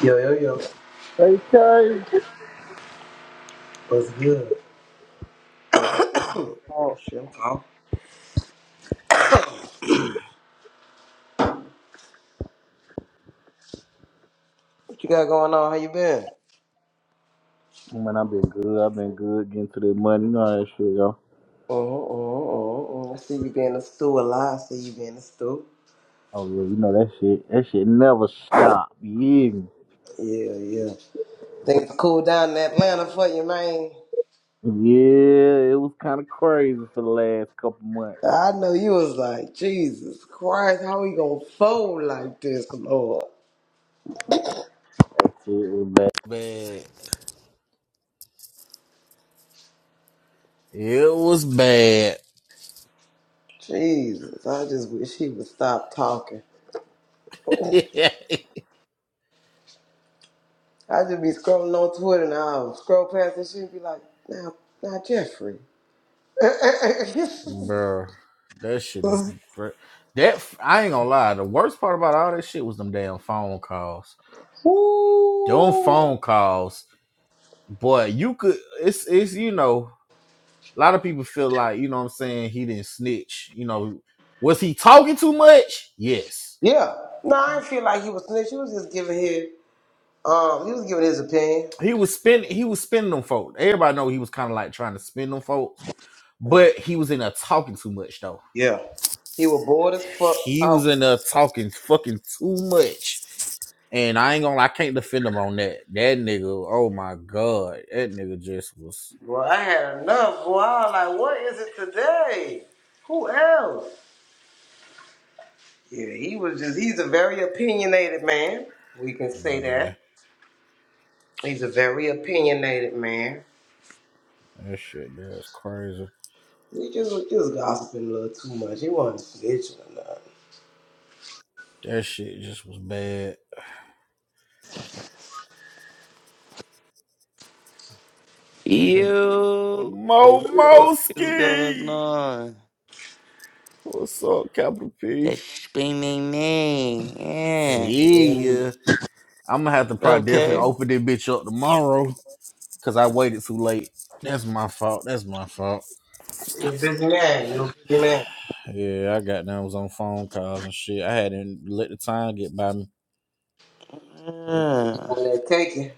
Yo, yo, yo. Hey, Tay. What's good? What's Oh, up? shit, I'm tall. What you got going on? How you been? Man, I've been good. I've been good getting to the money. You know how that shit go. Oh, oh, oh, oh. I see you been in the stew a lot. I see you been in the stew. Oh, yeah. You know that shit. That shit never stop. Yeah. Yeah, yeah. Things cool down in Atlanta for you, man. Yeah. It was kind of crazy for the last couple months. I know you was like, Jesus Christ, how we gonna fold like this, Lord? Shit was bad. bad. It was bad. Jesus, I just wish he would stop talking. I just be scrolling on Twitter and I'll scroll past this shit and be like, now, now Jeffrey. Bruh. That shit is. br- That f- I ain't gonna lie. The worst part about all that shit was them damn phone calls. Them Woo. phone calls. Boy, you could. It's it's you know. a lot of people feel like, you know what I'm saying, he didn't snitch. You know, was he talking too much? Yes. Yeah. No, I didn't feel like he was snitching. He was just giving his um he was giving his opinion. He was spending he was spending them folks. Everybody know he was kind of like trying to spend them folks, but he was in there talking too much though. Yeah. He was bored as fuck He was Oh, in there talking fucking too much. And I ain't gonna I can't defend him on that. That nigga, oh my god. That nigga just was Well, I had enough. Boy, I was like, what is it today? Who else? Yeah, he was just he's a very opinionated man. We can say Yeah. that. He's a very opinionated man. That shit that's crazy. He just was just gossiping a little too much. He wasn't snitching or nothing. That shit just was bad. That You For Mo real. fuck is going on? What's up, Capital P? That screaming me. Yeah. See ya. I'm gonna have to probably definitely Okay. open this bitch up tomorrow because I waited too late. That's my fault. That's my fault. You're a busy man. You're a busy man. Yeah, I got down was on phone calls and shit. I hadn't let the time get by me. Yeah. Where that cakey?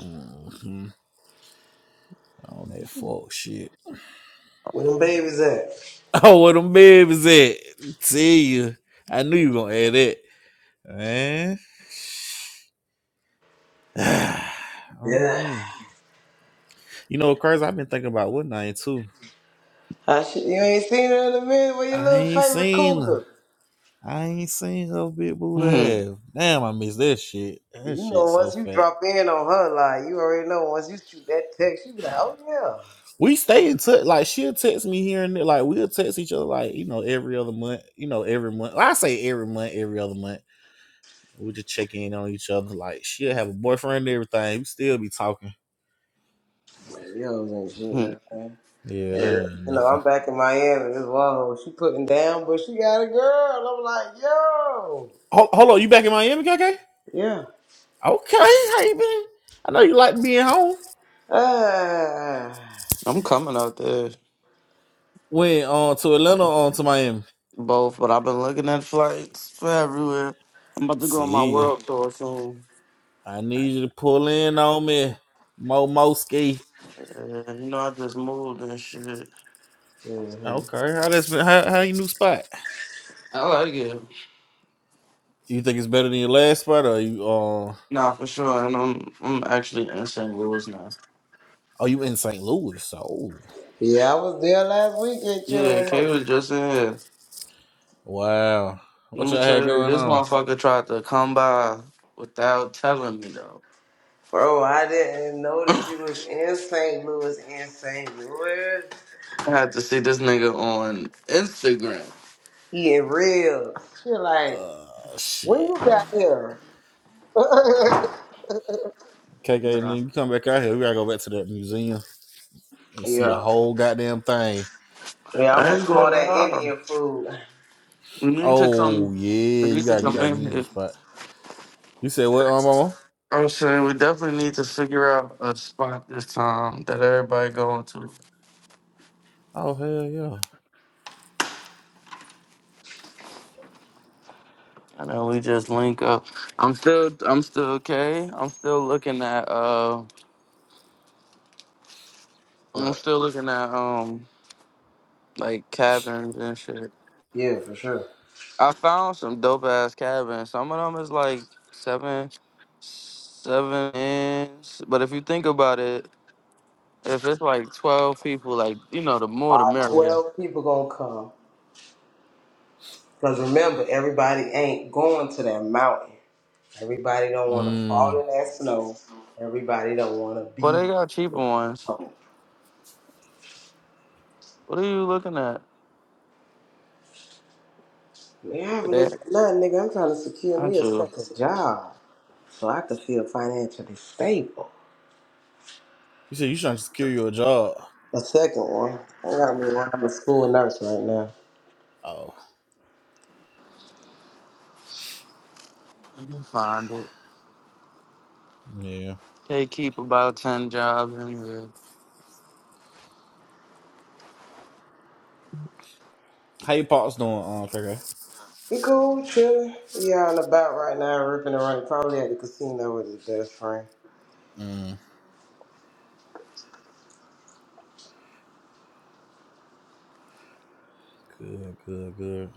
Mm-hmm. On that fuck shit. Where them babies at? Oh, where them babies at? See ya. I knew you were gonna add that, man. Yeah. Mm. You know, what crazy. I've been thinking about what night too. I should, you ain't seen her in a minute with your I little ain't favorite seen her. cougar. I ain't seen her big booty Hmm, ass. Damn, I miss that shit. That You know, shit so once you fat. drop in on her, like, you already know, once you shoot that text, you be like, oh, We stay in touch. Like she'll text me here and there. Like we'll text each other. Like you know, every other month. You know, every month. I say every month, every other month. We just check in on each other. Like she'll have a boyfriend and everything. We still be talking. yeah. Yo, ain't hmm. shooting. man. Yeah, Yeah. that You ain't know, nothing. I'm back in Miami. This one hoe, she putting down, but she got a girl. I'm like, yo. Hold, hold on, you back in Miami, KK? Yeah. Okay, how you been? I know you like being home. Ah. I'm coming out there. Went on to Atlanta, on to Miami. Both, but I've been looking at flights for everywhere. I'm about to go on my See ya. world tour soon. I need you to pull in on me, Mo Moski. Yeah, you know, I just moved and shit. hmm Okay, how that's been? How how your new spot? I like it. You think it's better than your last spot, or you? Uh, Nah, for sure. And I'm I'm actually in St. Louis now. oh, you in St. Louis? Oh, Yeah, I was there last weekend chilling Yeah, with Mo. Kay was just in here. wow. Let What me y'all had tell you, going this on? motherfucker tried to come by without telling me though. Bro, I didn't know that I you was in St. Louis, in St. Louis, had to see this nigga on Instagram. eating real. You're like, Uh, when shit. you got here? KK, and Nah, then you come back out here. We gotta go back to that museum and see the yeah. whole goddamn thing. Yeah, I I want ain't some more gonna of that lie. Indian food. We need to come. Oh yeah, We you need to gotta come get that in museum here. spot. You said what, um, Mama? I'm saying we definitely need to figure out a spot this time that everybody going to. Oh hell yeah. And then we just link up. I'm still, I'm still okay. I'm still looking at, uh, I'm But, still looking at, um, like cabins and shit. yeah, for sure. I found some dope ass cabins. Some of them is like seven, seven inch. But if you think about it, if it's like twelve people, like you know, the more the Our merrier. 12 people gonna come. Because remember, everybody ain't going to that mountain. Everybody don't want to fall Mm. in that snow. Everybody don't want to Well, they be got cheaper in that ones. cold. What are you looking at? Man, I haven't That looked at nothing, nigga. I'm trying to secure I me a do. second job. so I could feel financially stable. You said you trying to secure your job. The second one, I got me one of a school nurse right now. Oh You can find it. yeah. They keep about ten jobs in here. How your pops doing, um, Coco? You cool, chillin'? Yeah, on about right now, ripping and running, probably at the casino with his best friend. Mm, good, good, good.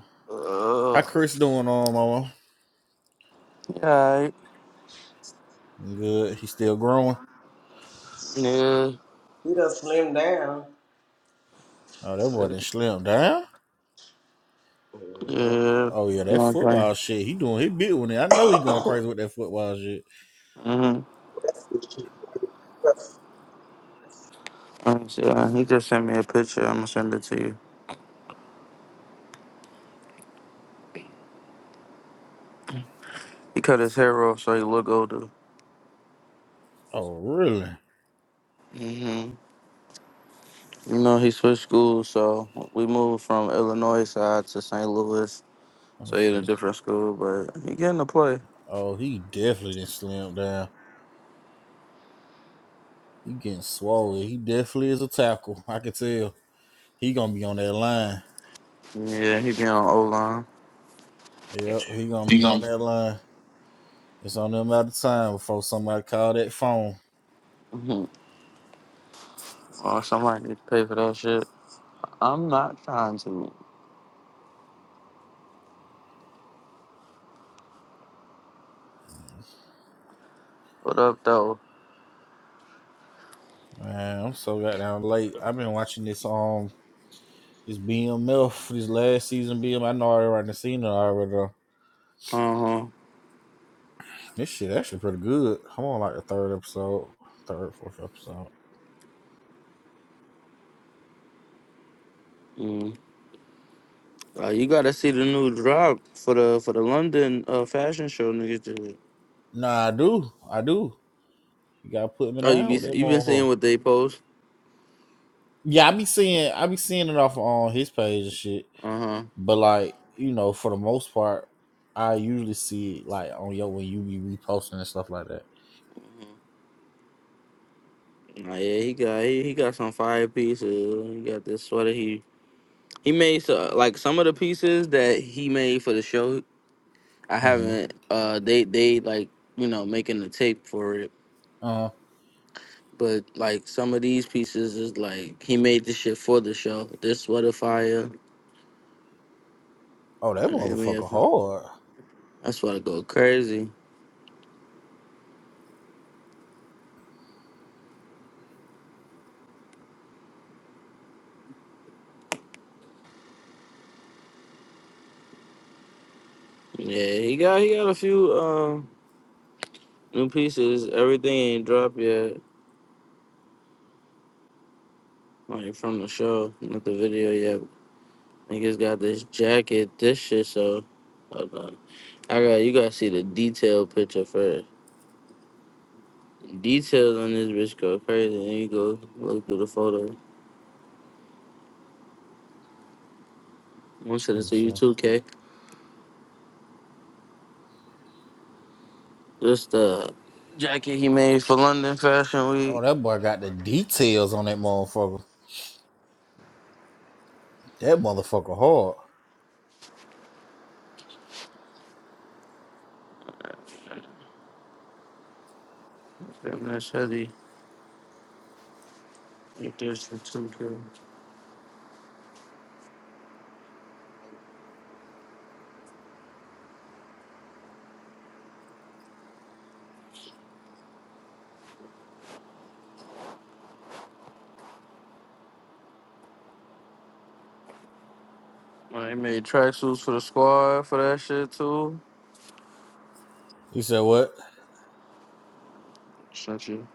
How Ugh. Chris doing, um, mama? Yeah. Good. He still growing. Yeah. He done slimmed down. Oh, that boy done slim down. Mm-hmm. Yeah. Oh yeah, that No, okay. football shit. He doing. He big one. I know he going crazy with that football shit. Mhm. Rest is cheap. Rest. Let me see. Uh, He just sent me a picture. I'm gonna send it to you. He cut his hair off so he look older. Oh really? hmm You know, he switched schools, so we moved from Illinois side to St. Louis. Let me So he in a see. different school, but he getting to play. Oh, he definitely didn't slim down. He getting swole. He definitely is a tackle. I can tell. He gonna be on that line. Yeah, he be on O line. Yep, he gonna He be on gonna that line. It's on them out of time before somebody call that phone. Mhm. Oh, somebody need to pay for that shit. I'm not trying to. What up though? Man, I'm so goddamn late. I've been watching this um this BMF this last season BM. I know I already seen it already. though. Uh huh. This shit actually pretty good. I'm on like the third episode, third fourth episode. Mm. Uh, you gotta see the new drop for the for the London uh, fashion show niggas did. Nah, I do, I do. You gotta put me Oh, you down be with that you been seeing motherfucker. what they post? Yeah, I be seeing I be seeing it off on his page and shit. Uh huh. But like you know, for the most part, I usually see it like on yo when you be reposting and stuff like that. Nah, yeah, he got he, he got some fire pieces. He got this sweater. He he made so, like some of the pieces that he made for the show. I Mm-hmm. haven't. Uh, they they like you know making the tape for it. Uh But like some of these pieces is like he made this shit for the show. This sweater fire. oh, that I mean, motherfucker hard. that's why I go crazy. Yeah, he got he got a few uh, new pieces. Everything ain't dropped yet, like from the show, not the video yet. Niggas got this jacket, this shit. So, hold on. I got you. Gotta see the detail picture first. Details on this bitch go crazy. And you go look through the photo. I'm sending Let it me to you see. too, K. Just the jacket he made for London Fashion Oh, Week. that boy got the details on that motherfucker. That motherfucker hard. Damn, that's heavy. Like this for two K. Well, he made tracksuits for the squad for that shit too. You said what? Sent you.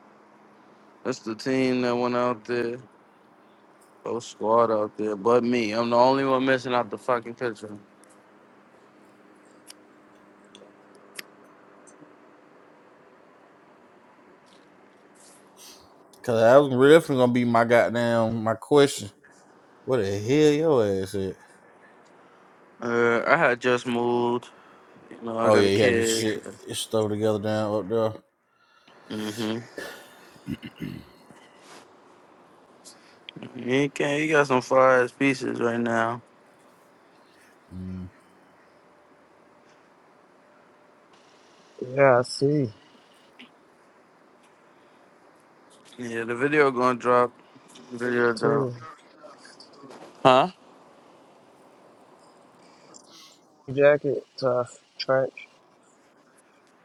That's the team that went out there. Whole squad out there, but me. I'm the only one missing out the fucking picture. Cause that was definitely gonna be my goddamn my question. What the hell your ass at? Uh, I had just moved. You know, I Oh got yeah, a you had to get kid. your shit your together down up there. Mm-hmm. He can. He got some fire ass pieces right now. Mm. Yeah, I see. Yeah, the video gonna drop. Video drop. Too. Huh? Jacket, tough, trench.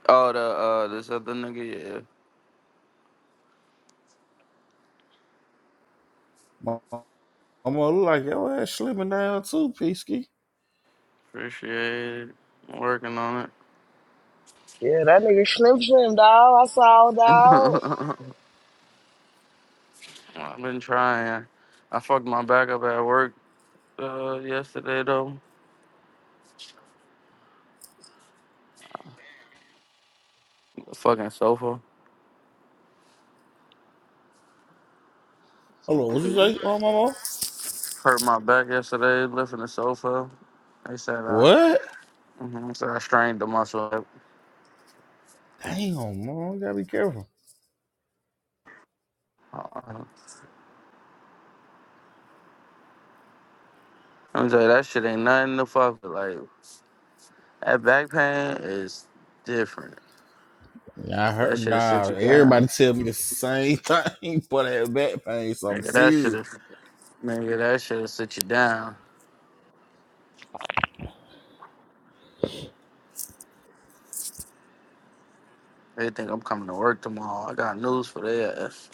Oh, the uh, this other nigga. Yeah, Mama mama look like your ass slimming down too, Peasky. appreciate it. I'm working on Yeah, that nigga Slim Slim, dog. I saw, dog. it. I've been trying. I fucked my back up at work uh, yesterday though. fucking sofa. Hold on, what you say, oh mama? Hurt my back yesterday lifting the sofa. They said I, What? hmm said I strained the muscle. Damn, Mama, you gotta be careful. Uh, I'm telling you, that shit ain't nothing to fuck with. Like that back pain is different. Yeah, I That heard shit'll sit nah, you everybody down. tell me the same thing, but that back pain, so I'm Nigga, that serious. shit'll nigga, that shit'll sit you down. They think I'm coming to work tomorrow. I got news for their ass.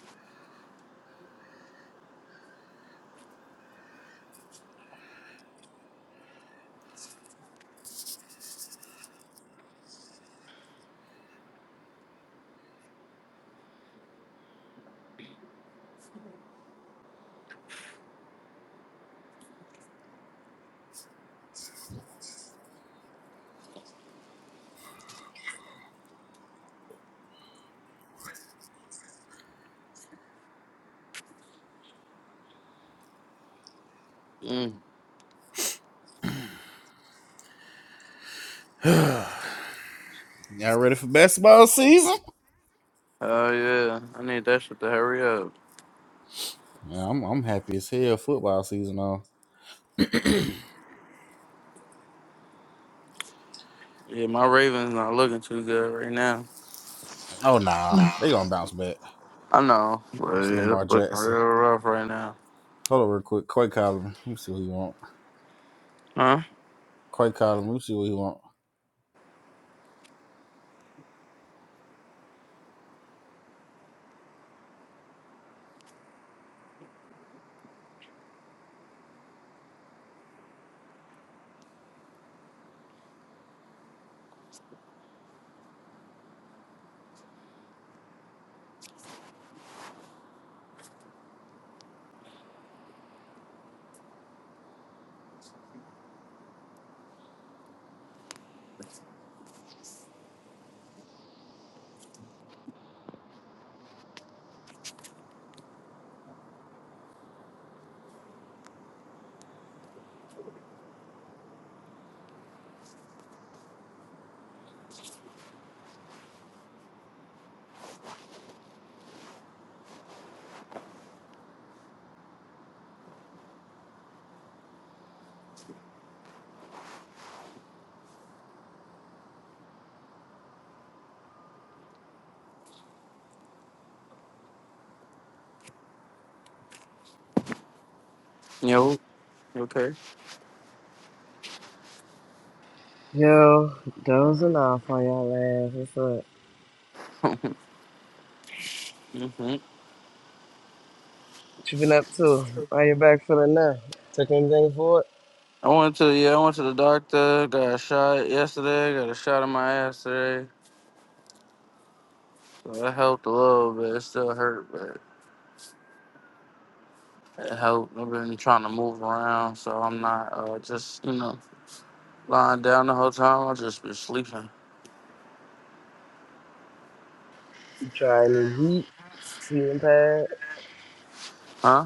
Mm. Y'all ready for basketball season? Oh yeah, I need that shit to hurry up. Yeah, I'm I'm happy as hell. Football season on. Yeah, my Ravens not looking too good right now. Oh nah, they gonna bounce back. I know, but It's yeah, Lamar it's looking Jackson. real rough right now. Hold on real quick. Quay Coleman. Let me see what he want. Huh? Quay Coleman. Let me see what he want. Yo, you okay? Yo, dozing off on y'all ass. What's up? Uh, mhm. What you been up to? How you back feeling now? Took anything for it? I went to yeah, I went to the doctor. Got a shot yesterday. Got a shot in my ass today. So it helped a little bit. It still hurt, but it helped. I've been trying to move around, so I'm not uh, just you know lying down the whole time. I just been sleeping, You try any heat, heating pad? huh?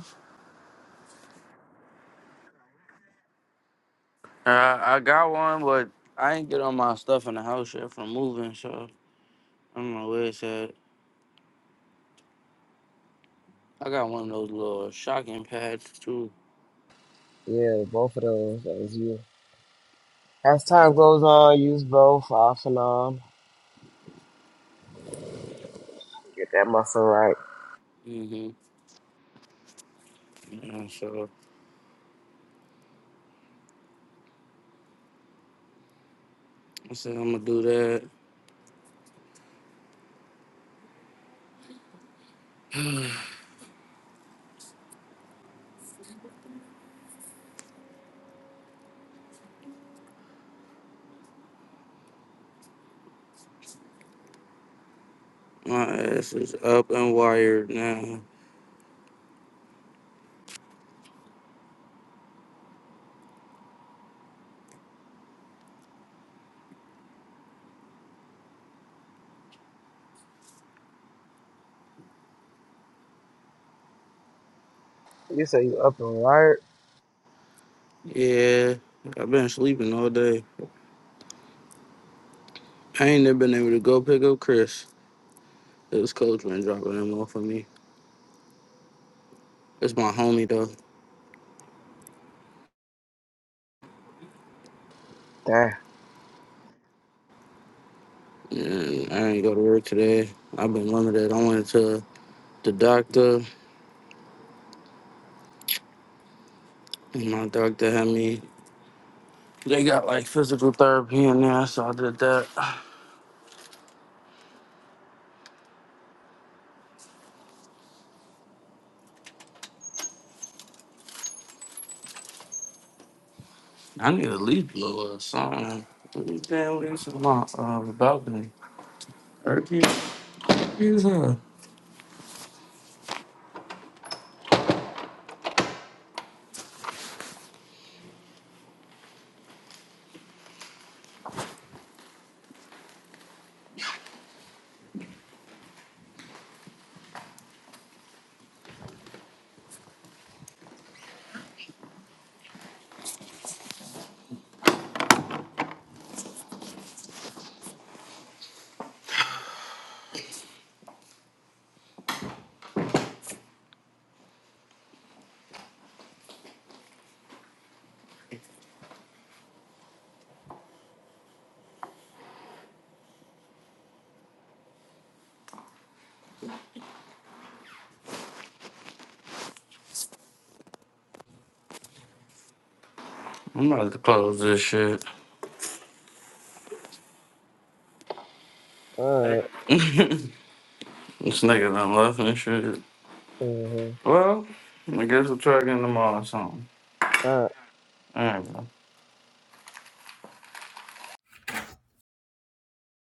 Uh, I got one, but I ain't get all my stuff in the house yet from moving, so I don't know where it's at. I got one of those little shocking pads too. Yeah, both of those. That was you. As time goes on, use both off and on. Get that muscle right. hmm Yeah, so I said I'm gonna do that. My ass is up and wired now. You say you up and right? Yeah, I've been sleeping all day. I ain't never been able to go pick up Chris. It was coach been dropping him off for me. It's my homie though. Damn. And I ain't go to work today. I've been limited. I went to the doctor and my doctor had me they got like physical therapy in there, so I did that. I need a leaf blower or something. What do you think this is my uh, balcony? Turkey? Yeah. I'm about to close this shit. All this nigga done left and shit. right. Mm-hmm. All Well, I guess we'll try again tomorrow or something. right. All right, bro.